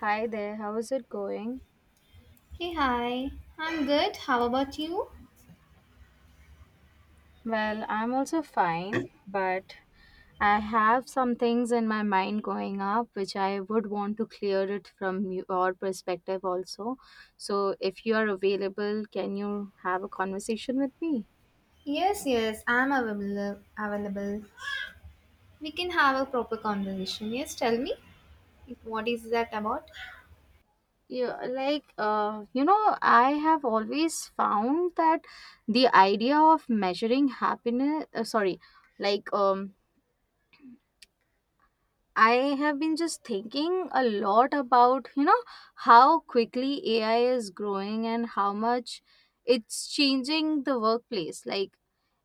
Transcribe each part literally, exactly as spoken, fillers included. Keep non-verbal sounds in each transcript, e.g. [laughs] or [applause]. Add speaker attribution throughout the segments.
Speaker 1: Hi there, how is it going?
Speaker 2: Hey, hi. I'm good. How about you?
Speaker 1: Well, I'm also fine, but I have some things in my mind going up which I would want to clear it from your perspective also. So, if you are available, can you have a conversation with me?
Speaker 2: Yes, yes, I'm available. Available. We can have a proper conversation. Yes, tell me. What is that about?
Speaker 1: Yeah, like uh, you know, I have always found that the idea of measuring happiness, uh, sorry, like um I have been just thinking a lot about, you know, how quickly A I is growing and how much it's changing the workplace. Like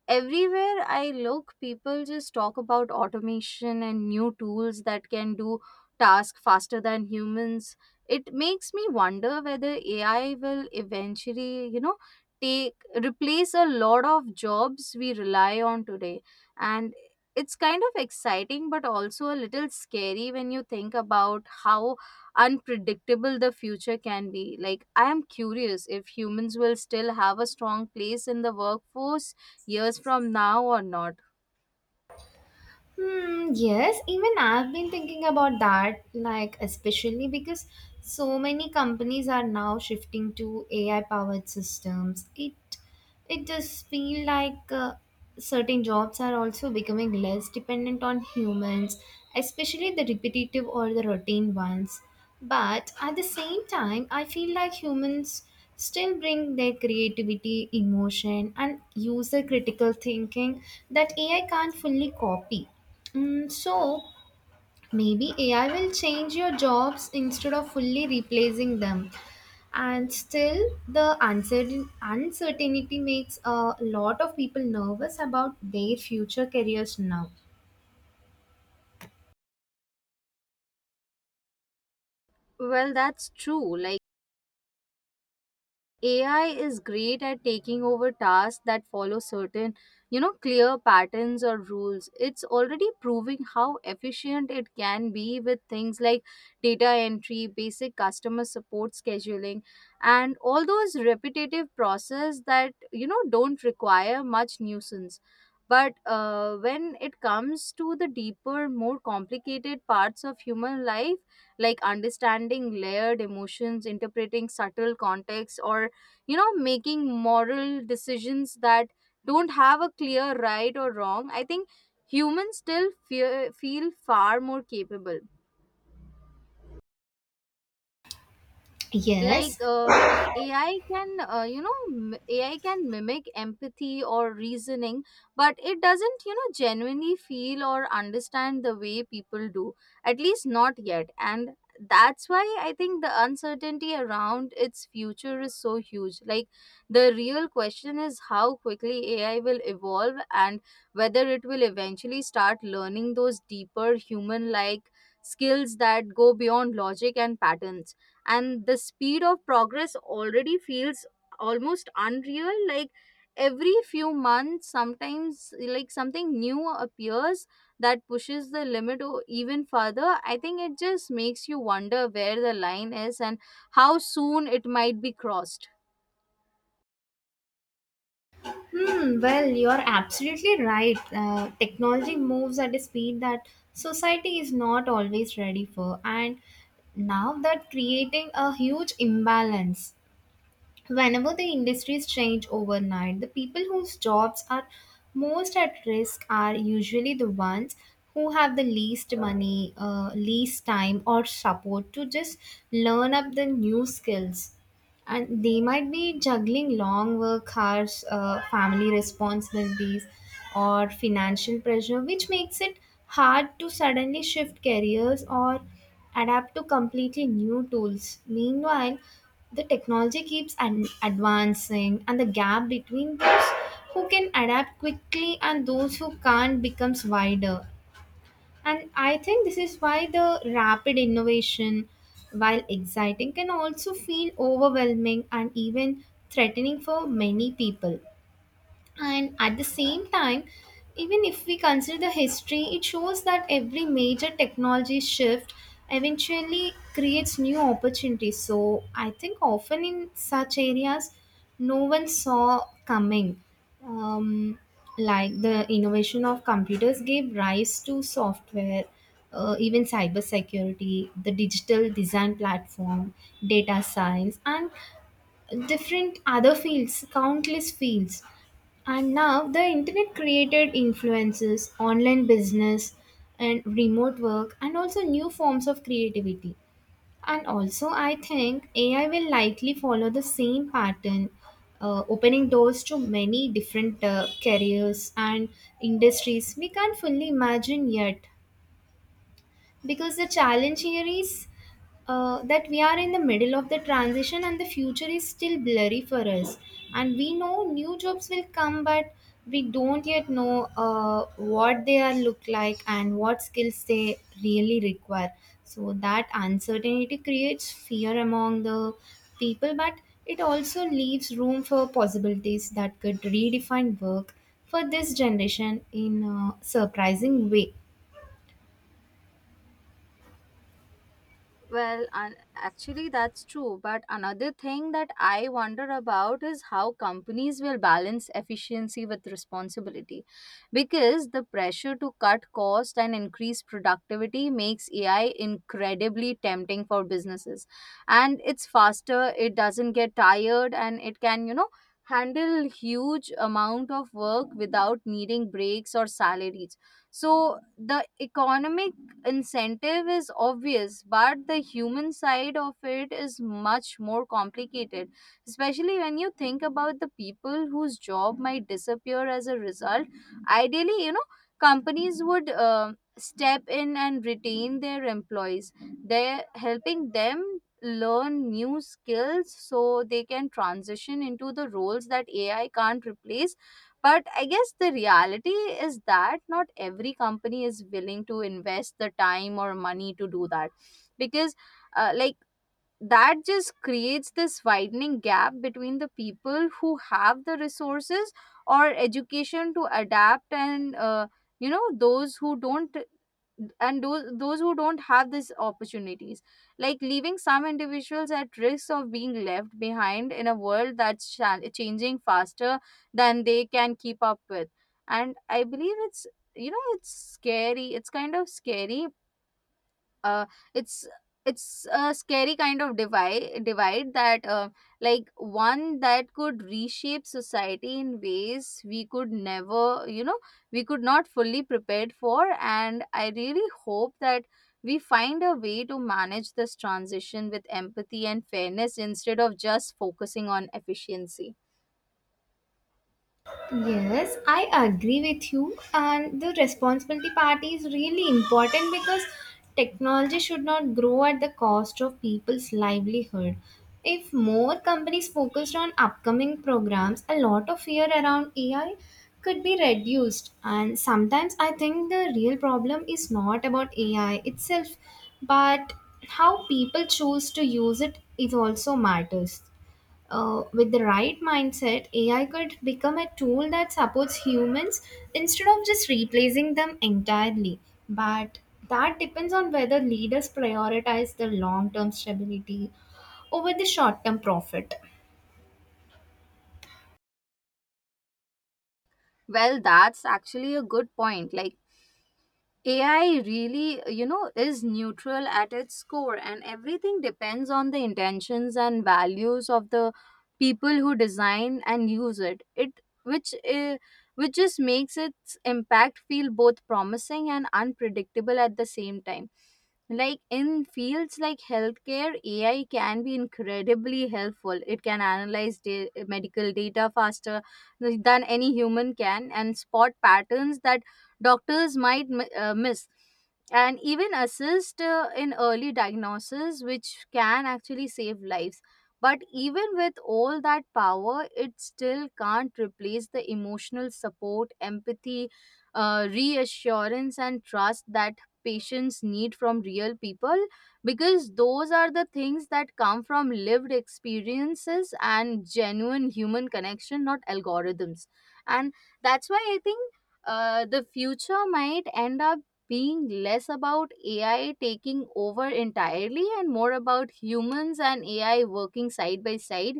Speaker 1: everywhere I look, people just talk about automation and new tools that can do tasks faster than humans. It makes me wonder whether A I will eventually, you know, take replace a lot of jobs we rely on today, and it's kind of exciting but also a little scary when you think about how unpredictable the future can be. Like I am curious if humans will still have a strong place in the workforce years from now or not.
Speaker 2: Hmm, yes, even I've been thinking about that, like, especially because so many companies are now shifting to A I powered systems. It It just feel like uh, certain jobs are also becoming less dependent on humans, especially the repetitive or the routine ones. But at the same time, I feel like humans still bring their creativity, emotion, and user critical thinking that A I can't fully copy. Mm, so maybe A I will change your jobs instead of fully replacing them, and still the uncertain uncertainty makes a lot of people nervous about their future careers now.
Speaker 1: Well, that's true. Like A I is great at taking over tasks that follow certain, you know, clear patterns or rules. It's already proving how efficient it can be with things like data entry, basic customer support scheduling, and all those repetitive processes that, you know, don't require much nuisance. But uh, when it comes to the deeper, more complicated parts of human life, like understanding layered emotions, interpreting subtle context, or you know making moral decisions that don't have a clear right or wrong, I think humans still fear, feel far more capable. Like
Speaker 2: Yes.
Speaker 1: uh, AI can uh, you know m- AI can mimic empathy or reasoning, but it doesn't, you know genuinely feel or understand the way people do, at least not yet. And that's why I think the uncertainty around its future is so huge. Like the real question is how quickly AI will evolve and whether it will eventually start learning those deeper human like skills that go beyond logic and patterns. And the speed of progress already feels almost unreal. Like every few months sometimes like something new appears that pushes the limit o- even further. I think it just makes you wonder where the line is and how soon it might be crossed.
Speaker 2: Hmm, well you're absolutely right. Uh, technology moves at a speed that society is not always ready for, and now that creating a huge imbalance. Whenever the industries change overnight, the people whose jobs are most at risk are usually the ones who have the least money, uh, least time, or support to just learn up the new skills, and they might be juggling long work hours, uh, family responsibilities, or financial pressure, which makes it hard to suddenly shift careers or adapt to completely new tools. Meanwhile, the technology keeps an- advancing, and the gap between those who can adapt quickly and those who can't becomes wider. And I think this is why the rapid innovation, while exciting, can also feel overwhelming and even threatening for many people. And at the same time, even if we consider the history, it shows that every major technology shift eventually creates new opportunities. So I think often in such areas, no one saw coming. Um, like the innovation of computers gave rise to software, uh, even cybersecurity, the digital design platform, data science, and different other fields, countless fields, and now the internet created influences, online business, and remote work, and also new forms of creativity. And also, I think A I will likely follow the same pattern, uh, opening doors to many different uh, careers and industries we can't fully imagine yet, because the challenge here is uh, that we are in the middle of the transition and the future is still blurry for us, and we know new jobs will come, but we don't yet know uh, what they are look like and what skills they really require. So that uncertainty creates fear among the people, but it also leaves room for possibilities that could redefine work for this generation in a surprising way.
Speaker 1: Well, un- actually, that's true. But another thing that I wonder about is how companies will balance efficiency with responsibility. Because the pressure to cut cost and increase productivity makes A I incredibly tempting for businesses. And it's faster, it doesn't get tired, and it can, you know, handle huge amount of work without needing breaks or salaries. So the economic incentive is obvious, but the human side of it is much more complicated, especially when you think about the people whose job might disappear as a result. Ideally, you know, companies would uh, step in and retain their employees. They're helping them learn new skills so they can transition into the roles that A I can't replace, but I guess the reality is that not every company is willing to invest the time or money to do that. Because, uh, like, that just creates this widening gap between the people who have the resources or education to adapt and uh, you know those who don't, and those those who don't have these opportunities, like leaving some individuals at risk of being left behind in a world that's cha- changing faster than they can keep up with. And I believe it's, you know it's scary, it's kind of scary. uh, it's it's a scary kind of divide divide that, uh, like one that could reshape society in ways we could never, you know we could not fully prepared for. And I really hope that we find a way to manage this transition with empathy and fairness instead of just focusing on efficiency.
Speaker 2: Yes, I agree with you. And the responsibility part is really important because technology should not grow at the cost of people's livelihood. If more companies focused on upcoming programs, a lot of fear around A I could be reduced. And sometimes I think the real problem is not about A I itself, but how people choose to use it is also matters. Uh, with the right mindset, A I could become a tool that supports humans instead of just replacing them entirely. But that depends on whether leaders prioritize the long term stability over the short term profit.
Speaker 1: Well, that's actually a good point. Like A I really, you know, is neutral at its core, and everything depends on the intentions and values of the people who design and use it. It which uh, which just makes its impact feel both promising and unpredictable at the same time. Like in fields like healthcare, A I can be incredibly helpful. It can analyze da- medical data faster than any human can and spot patterns that doctors might mi- uh, miss, and even assist, uh, in early diagnosis, which can actually save lives. But even with all that power, it still can't replace the emotional support, empathy, uh, reassurance and trust that patients need from real people, because those are the things that come from lived experiences and genuine human connection, not algorithms. And that's why I think uh, the future might end up being less about A I taking over entirely and more about humans and A I working side by side,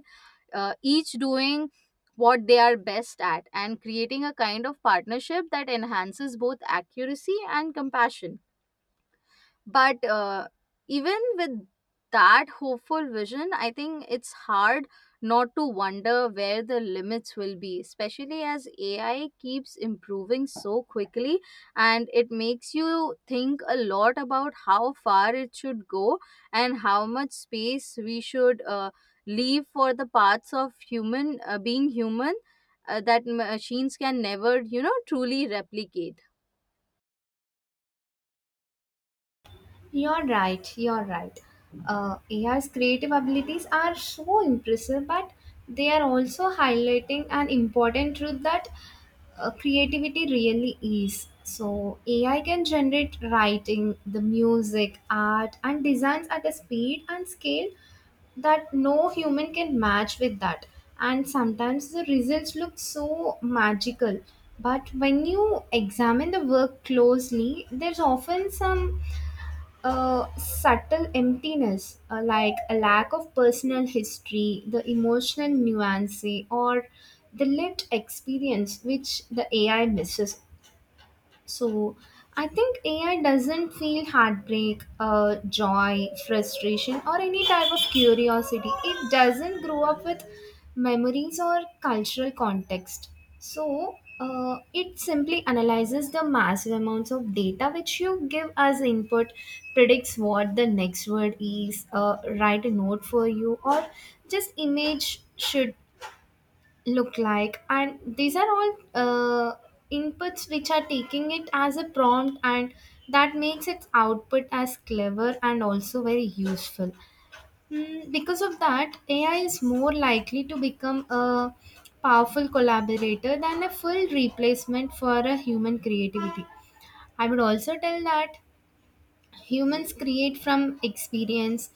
Speaker 1: uh, each doing what they are best at and creating a kind of partnership that enhances both accuracy and compassion. But uh, even with that hopeful vision, I think it's hard not to wonder where the limits will be, especially as A I keeps improving so quickly. And it makes you think a lot about how far it should go and how much space we should uh, leave for the parts of human uh, being human, uh, that machines can never, you know, truly replicate.
Speaker 2: You're right, you're right. Uh, A I's creative abilities are so impressive, but they are also highlighting an important truth that uh, creativity really is. So, A I can generate writing, the music, art, and designs at a speed and scale that no human can match with that. And sometimes the results look so magical. But when you examine the work closely, there's often some a subtle emptiness, uh, like a lack of personal history, the emotional nuance, or the lived experience which the A I misses. So I think A I doesn't feel heartbreak, uh, joy, frustration, or any type of curiosity. It doesn't grow up with memories or cultural context. So uh, it simply analyzes the massive amounts of data which you give as input, predicts what the next word is, uh, write a note for you, or just image should look like, and these are all uh, inputs which are taking it as a prompt, and that makes its output as clever and also very useful. Mm, because of that, AI is more likely to become a powerful collaborator than a full replacement for a human creativity. I would also tell that humans create from experience,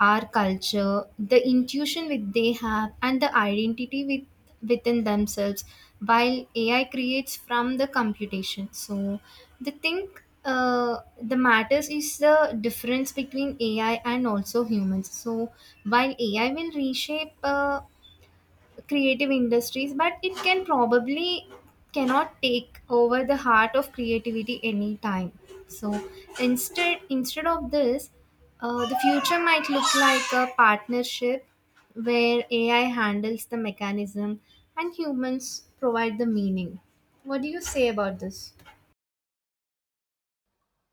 Speaker 2: our culture, the intuition which they have, and the identity with within themselves, while AI creates from the computation. So the thing, uh, the matters is the difference between AI and also humans. So while AI will reshape uh, creative industries, but it can probably cannot take over the heart of creativity anytime. So, instead instead of this, uh, the future might look like a partnership where AI handles the mechanism and humans provide the meaning. What do you say about this?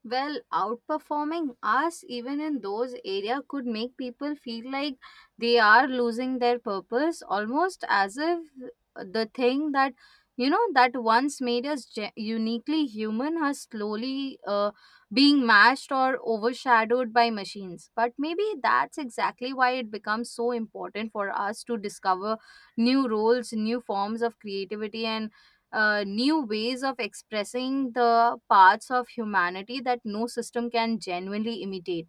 Speaker 1: Well, outperforming us even in those area could make people feel like they are losing their purpose, almost as if the thing that, you know that once made us ge- uniquely human has slowly uh, being matched or overshadowed by machines. But maybe that's exactly why it becomes so important for us to discover new roles, new forms of creativity, and uh, new ways of expressing the parts of humanity that no system can genuinely imitate.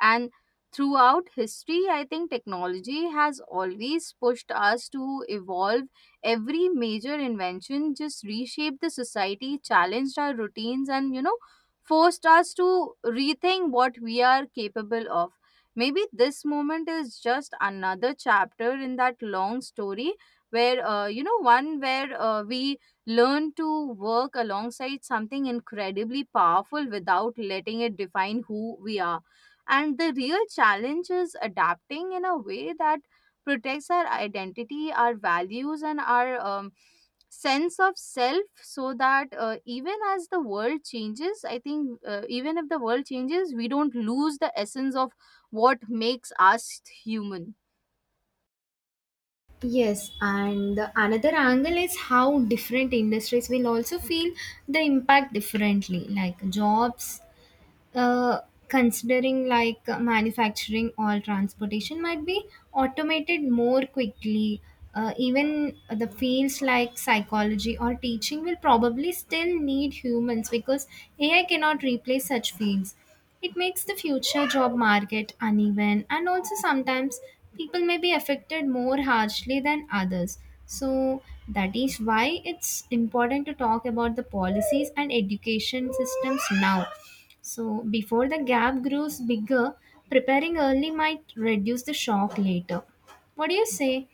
Speaker 1: And throughout history, I think technology has always pushed us to evolve. Every major invention just reshaped the society, challenged our routines, and, you know, forced us to rethink what we are capable of. Maybe this moment is just another chapter in that long story where, uh, you know, one where uh, we learn to work alongside something incredibly powerful without letting it define who we are. And the real challenge is adapting in a way that protects our identity, our values, and our um, sense of self, so that uh, even as the world changes, I think uh, even if the world changes, we don't lose the essence of what makes us human.
Speaker 2: Yes, and the another angle is how different industries will also feel the impact differently. Like jobs, uh, considering like uh, manufacturing or transportation might be automated more quickly, uh, even the fields like psychology or teaching will probably still need humans because AI cannot replace such fields. It makes the future job market uneven, and also sometimes people may be affected more harshly than others. So that is why it's important to talk about the policies and education systems now. So, before the gap grows bigger, preparing early might reduce the shock later. What do you say?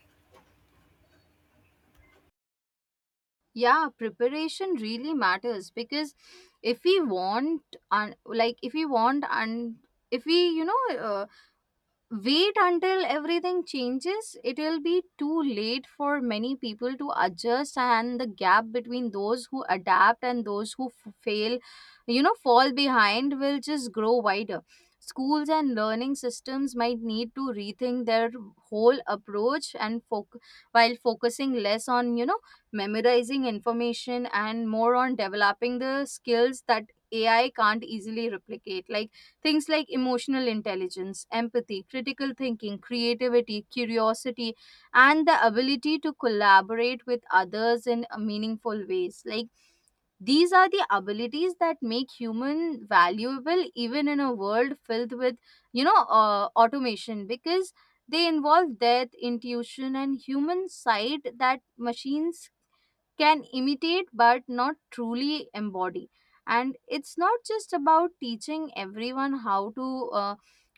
Speaker 1: Yeah, preparation really matters, because if we want, un- like, if we want, and if we, you know, uh, wait until everything changes, it'll be too late for many people to adjust, and the gap between those who adapt and those who f- fail, you know, fall behind will just grow wider. Schools and learning systems might need to rethink their whole approach and foc- while focusing less on, you know, memorizing information and more on developing the skills that A I can't easily replicate. Like things like emotional intelligence, empathy, critical thinking, creativity, curiosity, and the ability to collaborate with others in a meaningful ways. Like these are the abilities that make human valuable even in a world filled with, you know uh, automation, because they involve death intuition and human side that machines can imitate but not truly embody. And it's not just about teaching everyone how to uh,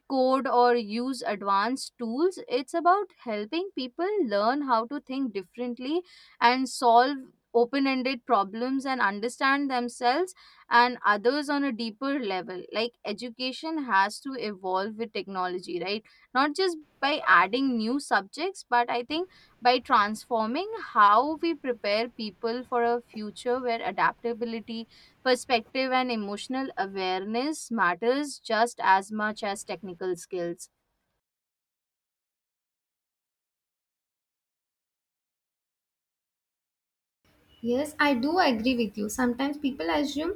Speaker 1: code or use advanced tools, it's about helping people learn how to think differently and solve open ended problems and understand themselves and others on a deeper level. Like education has to evolve with technology, right? Not just by adding new subjects, but I think by transforming how we prepare people for a future where adaptability, perspective, and emotional awareness matters just as much as technical skills.
Speaker 2: Yes, I do agree with you. Sometimes people assume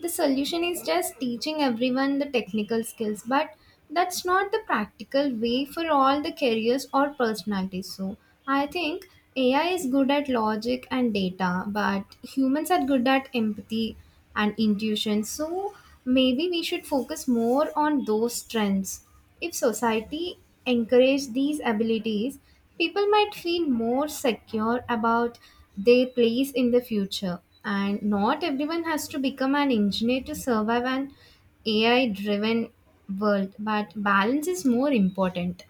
Speaker 2: the solution is just teaching everyone the technical skills, but that's not the practical way for all the careers or personalities. So, I think A I is good at logic and data, but humans are good at empathy and intuition. So, maybe we should focus more on those strengths. If society encouraged these abilities, people might feel more secure about their place in the future. And not everyone has to become an engineer to survive an A I driven world, but balance is more important.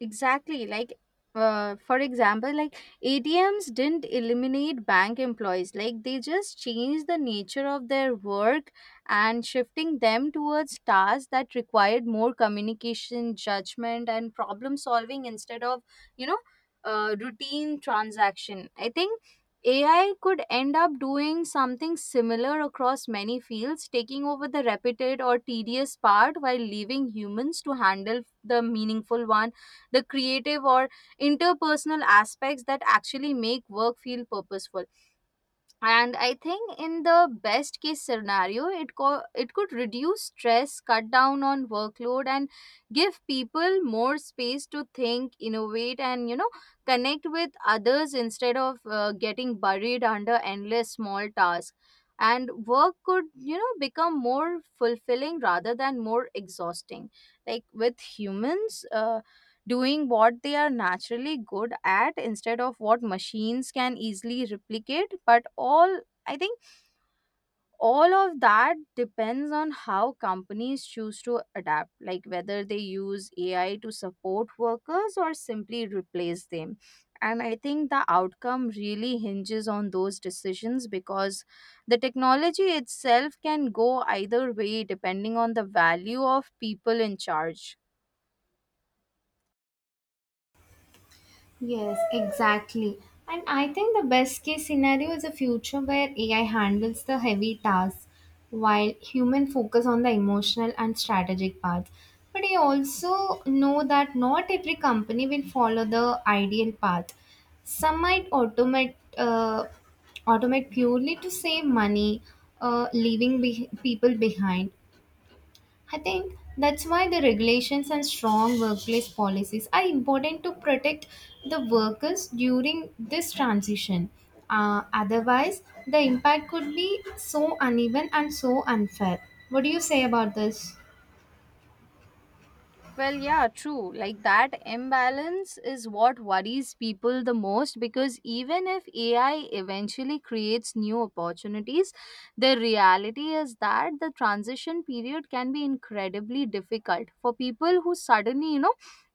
Speaker 1: Exactly. Like, uh, for example, like A T Ms didn't eliminate bank employees. Like, they just changed the nature of their work and shifting them towards tasks that required more communication, judgment, and problem solving instead of, you know, uh, routine transaction. I think A I could end up doing something similar across many fields, taking over the repetitive or tedious part while leaving humans to handle the meaningful one, the creative or interpersonal aspects that actually make work feel purposeful. And I think in the best case scenario, it co- it could reduce stress, cut down on workload, and give people more space to think, innovate, and, you know connect with others, instead of uh, getting buried under endless small tasks. And work could, you know become more fulfilling rather than more exhausting, like with humans uh, doing what they are naturally good at instead of what machines can easily replicate. But all, I think all of that depends on how companies choose to adapt, like whether they use AI to support workers or simply replace them. And I think the outcome really hinges on those decisions, because the technology itself can go either way depending on the value of people in charge.
Speaker 2: Yes, exactly. And I think the best case scenario is a future where A I handles the heavy tasks while human focus on the emotional and strategic parts. But I also know that not every company will follow the ideal path. Some might automate uh, automate purely to save money, uh, leaving be- people behind. I think that's why the regulations and strong workplace policies are important to protect the workers during this transition. Uh, otherwise, the impact could be so uneven and so unfair. What do you say about this?
Speaker 1: Well, yeah, true. Like that imbalance is what worries people the most because even if A I eventually creates new opportunities, the reality is that the transition period can be incredibly difficult for people who suddenly, you know,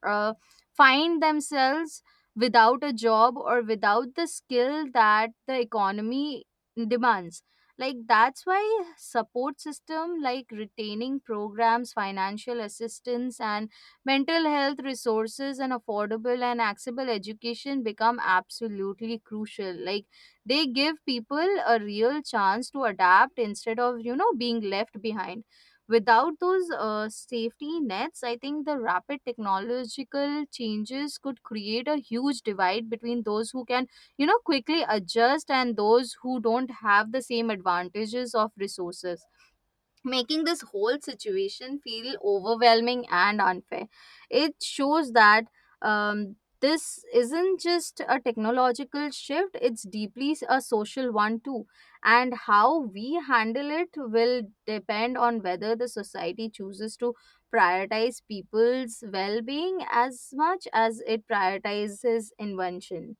Speaker 1: uh, find themselves without a job or without the skill that the economy demands. Like that's why support system like retaining programs, financial assistance, and mental health resources and affordable and accessible education become absolutely crucial. Like they give people a real chance to adapt instead of, you know, being left behind. Without those uh, safety nets, I think the rapid technological changes could create a huge divide between those who can, you know, quickly adjust and those who don't have the same advantages of resources, making this whole situation feel overwhelming and unfair. It shows that um, this isn't just a technological shift, it's deeply s- a social one too. And how we handle it will depend on whether the society chooses to prioritize people's well being as much as it prioritizes invention.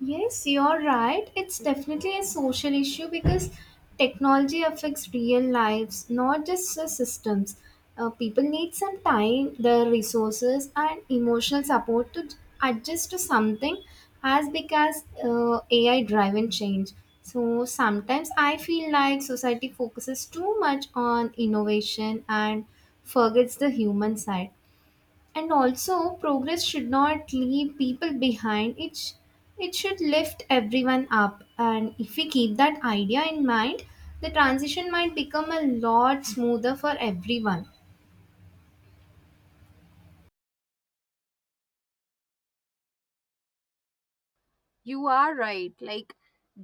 Speaker 2: Yes, you're right. It's definitely a social issue because technology affects real lives, not just the systems. Uh, people need some time, their resources, and emotional support to adjust to something as big as uh, A I driven change. So sometimes I feel like society focuses too much on innovation and forgets the human side, and also progress should not leave people behind. It sh- it should lift everyone up, and if we keep that idea in mind, the transition might become a lot smoother for everyone.
Speaker 1: You are right. Like,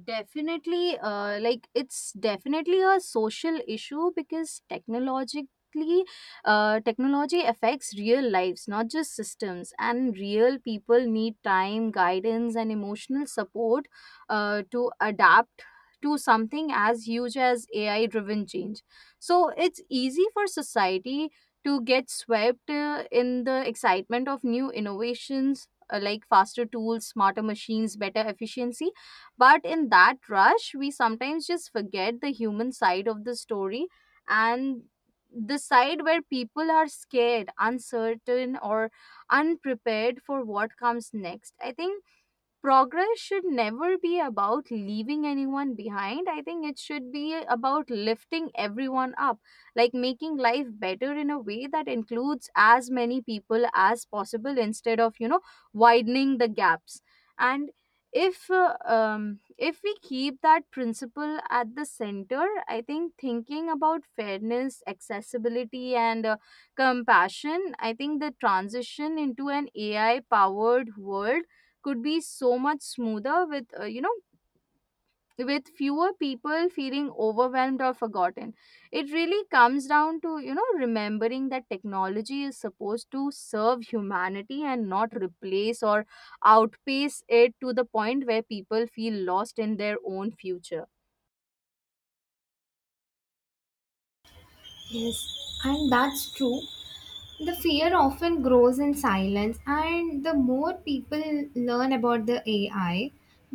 Speaker 1: definitely, uh, like it's definitely a social issue because technologically, uh, technology affects real lives, not just systems. And real people need time, guidance, and emotional support, uh, to adapt to something as huge as A I-driven change. So it's easy for society to get swept uh, in the excitement of new innovations, uh, like faster tools, smarter machines, better efficiency. But in that rush, we sometimes just forget the human side of the story and the side where people are scared, uncertain, or unprepared for what comes next. I think progress should never be about leaving anyone behind. I think it should be about lifting everyone up, like making life better in a way that includes as many people as possible instead of, you know, widening the gaps. And if uh, um, if we keep that principle at the center, I think, thinking about fairness, accessibility, and uh, compassion, I think the transition into an A I powered world could be so much smoother with, uh, you know with fewer people feeling overwhelmed or forgotten. It really comes down to, you know remembering that technology is supposed to serve humanity and not replace or outpace it to the point where people feel lost in their own future.
Speaker 2: Yes, and that's true. The fear often grows in silence, and the more people learn about the A I,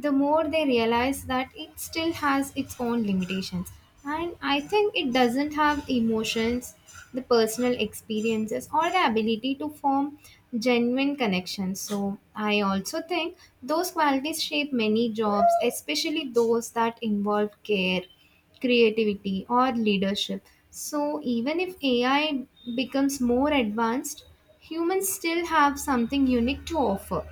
Speaker 2: the more they realize that it still has its own limitations. And I think it doesn't have emotions, the personal experiences, or the ability to form genuine connections. So I also think those qualities shape many jobs, especially those that involve care, creativity, or leadership. So even if A I becomes more advanced, humans still have something unique to offer.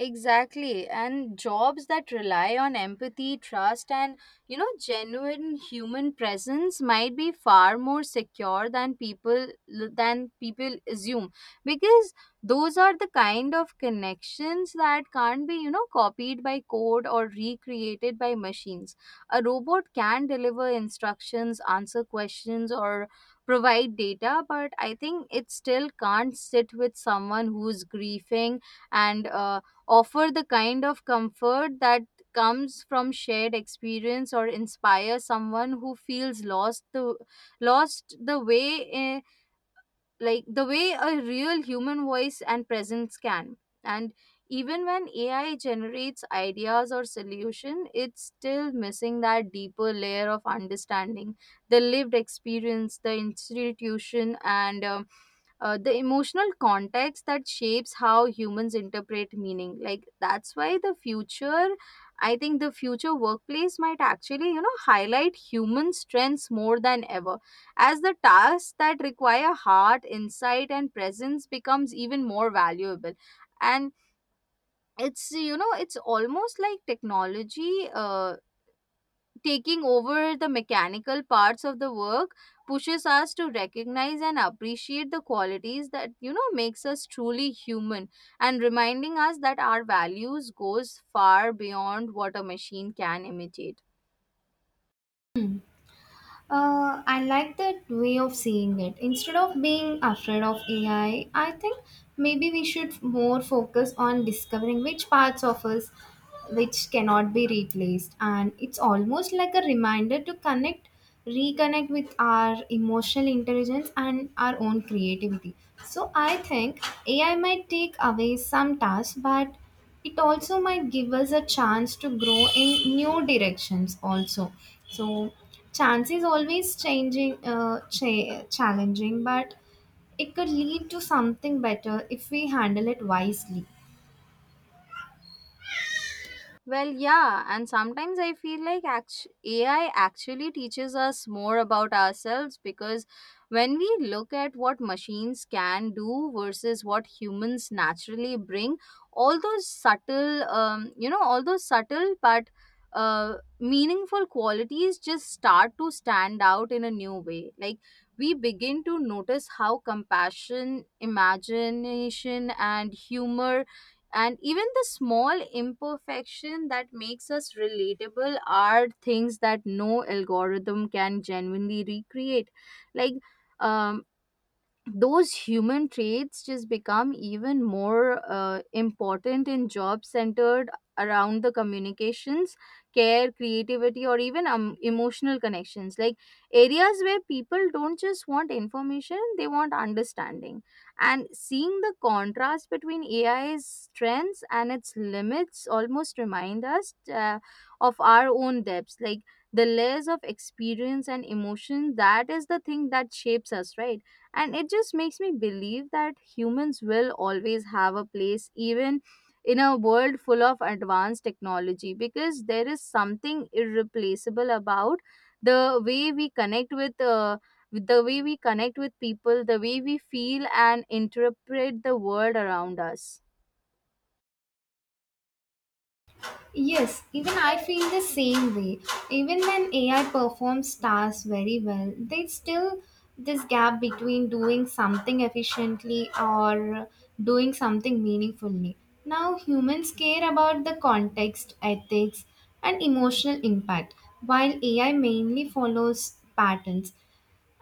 Speaker 1: Exactly. And jobs that rely on empathy, trust, and, you know, genuine human presence might be far more secure than people than people assume, because those are the kind of connections that can't be, you know, copied by code or recreated by machines. A robot can deliver instructions, answer questions, or provide data, but I think it still can't sit with someone who's grieving and uh, offer the kind of comfort that comes from shared experience, or inspire someone who feels lost the lost the way, like the way a real human voice and presence can. And even when ai generates ideas or solution, it's still missing that deeper layer of understanding, the lived experience, the institution, and um, uh, the emotional context that shapes how humans interpret meaning. Like that's why the future i think the future workplace might actually, you know highlight human strengths more than ever, as the tasks that require heart, insight, and presence becomes even more valuable. And it's, you know it's almost like technology uh, taking over the mechanical parts of the work pushes us to recognize and appreciate the qualities that, you know makes us truly human, and reminding us that our values goes far beyond what a machine can imitate.
Speaker 2: Uh, I like that way of seeing it. Instead of being afraid of A I, I I think maybe we should more focus on discovering which parts of us which cannot be replaced. And it's almost like a reminder to connect, reconnect with our emotional intelligence and our own creativity. So I think A I might take away some tasks, but it also might give us a chance to grow in new directions also. So chance is always changing, uh, cha- challenging, but it could lead to something better if we handle it wisely.
Speaker 1: Well, yeah, and sometimes I feel like act- A I actually teaches us more about ourselves because when we look at what machines can do versus what humans naturally bring, all those subtle, um, you know, all those subtle but uh, meaningful qualities just start to stand out in a new way. Like we begin to notice how compassion, imagination, and humor, and even the small imperfection that makes us relatable are things that no algorithm can genuinely recreate. Like um, those human traits just become even more uh, important in jobs centered around the communications, care, creativity, or even um, emotional connections. Like areas where people don't just want information, they want understanding. And seeing the contrast between ai's strengths and its limits almost remind us, uh, of our own depths, like the layers of experience and emotion that is the thing that shapes us, right? And it just makes me believe that humans will always have a place, even in a world full of advanced technology, because there is something irreplaceable about the way we connect with uh, with the way we connect with people, the way we feel and interpret the world around us.
Speaker 2: Yes, even I feel the same way. Even when A I performs tasks very well, there's still this gap between doing something efficiently or doing something meaningfully. Now, humans care about the context, ethics, and emotional impact, while A I mainly follows patterns.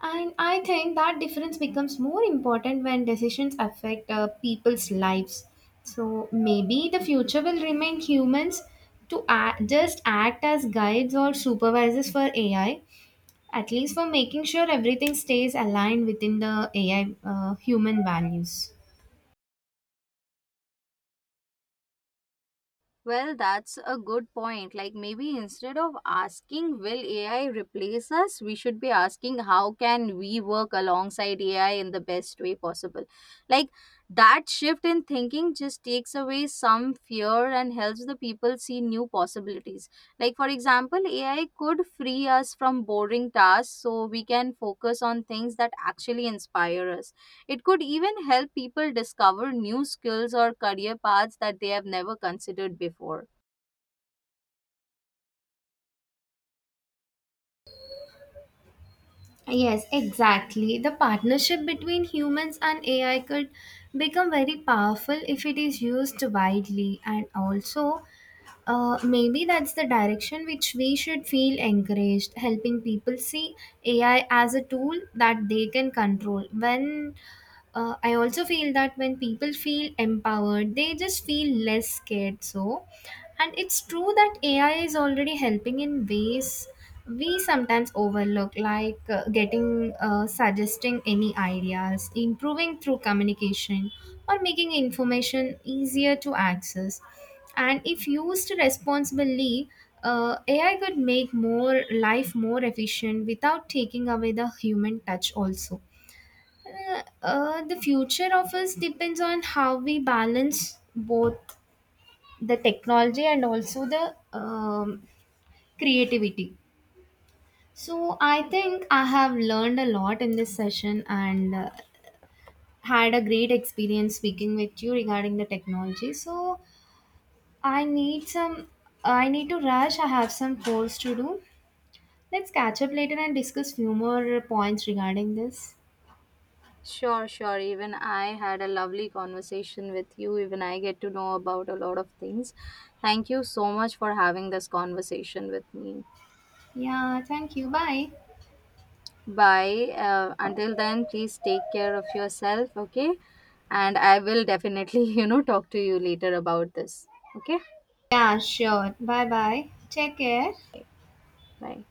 Speaker 2: And I think that difference becomes more important when decisions affect uh, people's lives. So maybe the future will remain humans to act, just act as guides or supervisors for A I, at least for making sure everything stays aligned within the A I uh, human values.
Speaker 1: Well, that's a good point. Like maybe instead of asking will A I replace us, we should be asking how can we work alongside A I in the best way possible. Like that shift in thinking just takes away some fear and helps the people see new possibilities. Like for example, A I could free us from boring tasks so we can focus on things that actually inspire us. It could even help people discover new skills or career paths that they have never considered before.
Speaker 2: Yes, exactly. The partnership between humans and A I could become very powerful if it is used widely, and also uh, maybe that's the direction which we should feel encouraged, helping people see A I as a tool that they can control. When uh, I also feel that when people feel empowered, they just feel less scared. So, and it's true that A I is already helping in ways we sometimes overlook, like uh, getting uh, suggesting any ideas, improving through communication, or making information easier to access. And if used responsibly, uh, A I could make more life more efficient without taking away the human touch also. Uh, uh, the future of us depends on how we balance both the technology and also the um, creativity. So, I think I have learned a lot in this session, and uh, had a great experience speaking with you regarding the technology. So, I need some, I need to rush. I have some course to do. Let's catch up later and discuss few more points regarding this.
Speaker 1: Sure, sure. Even I had a lovely conversation with you. Even I get to know about a lot of things. Thank you so much for having this conversation with me.
Speaker 2: Yeah, thank you. Bye.
Speaker 1: Bye. Uh, until then, please take care of yourself, okay? And I will definitely, [laughs] you know, talk to you later about this. Okay?
Speaker 2: Yeah, sure. Bye bye. Take care.
Speaker 1: Bye.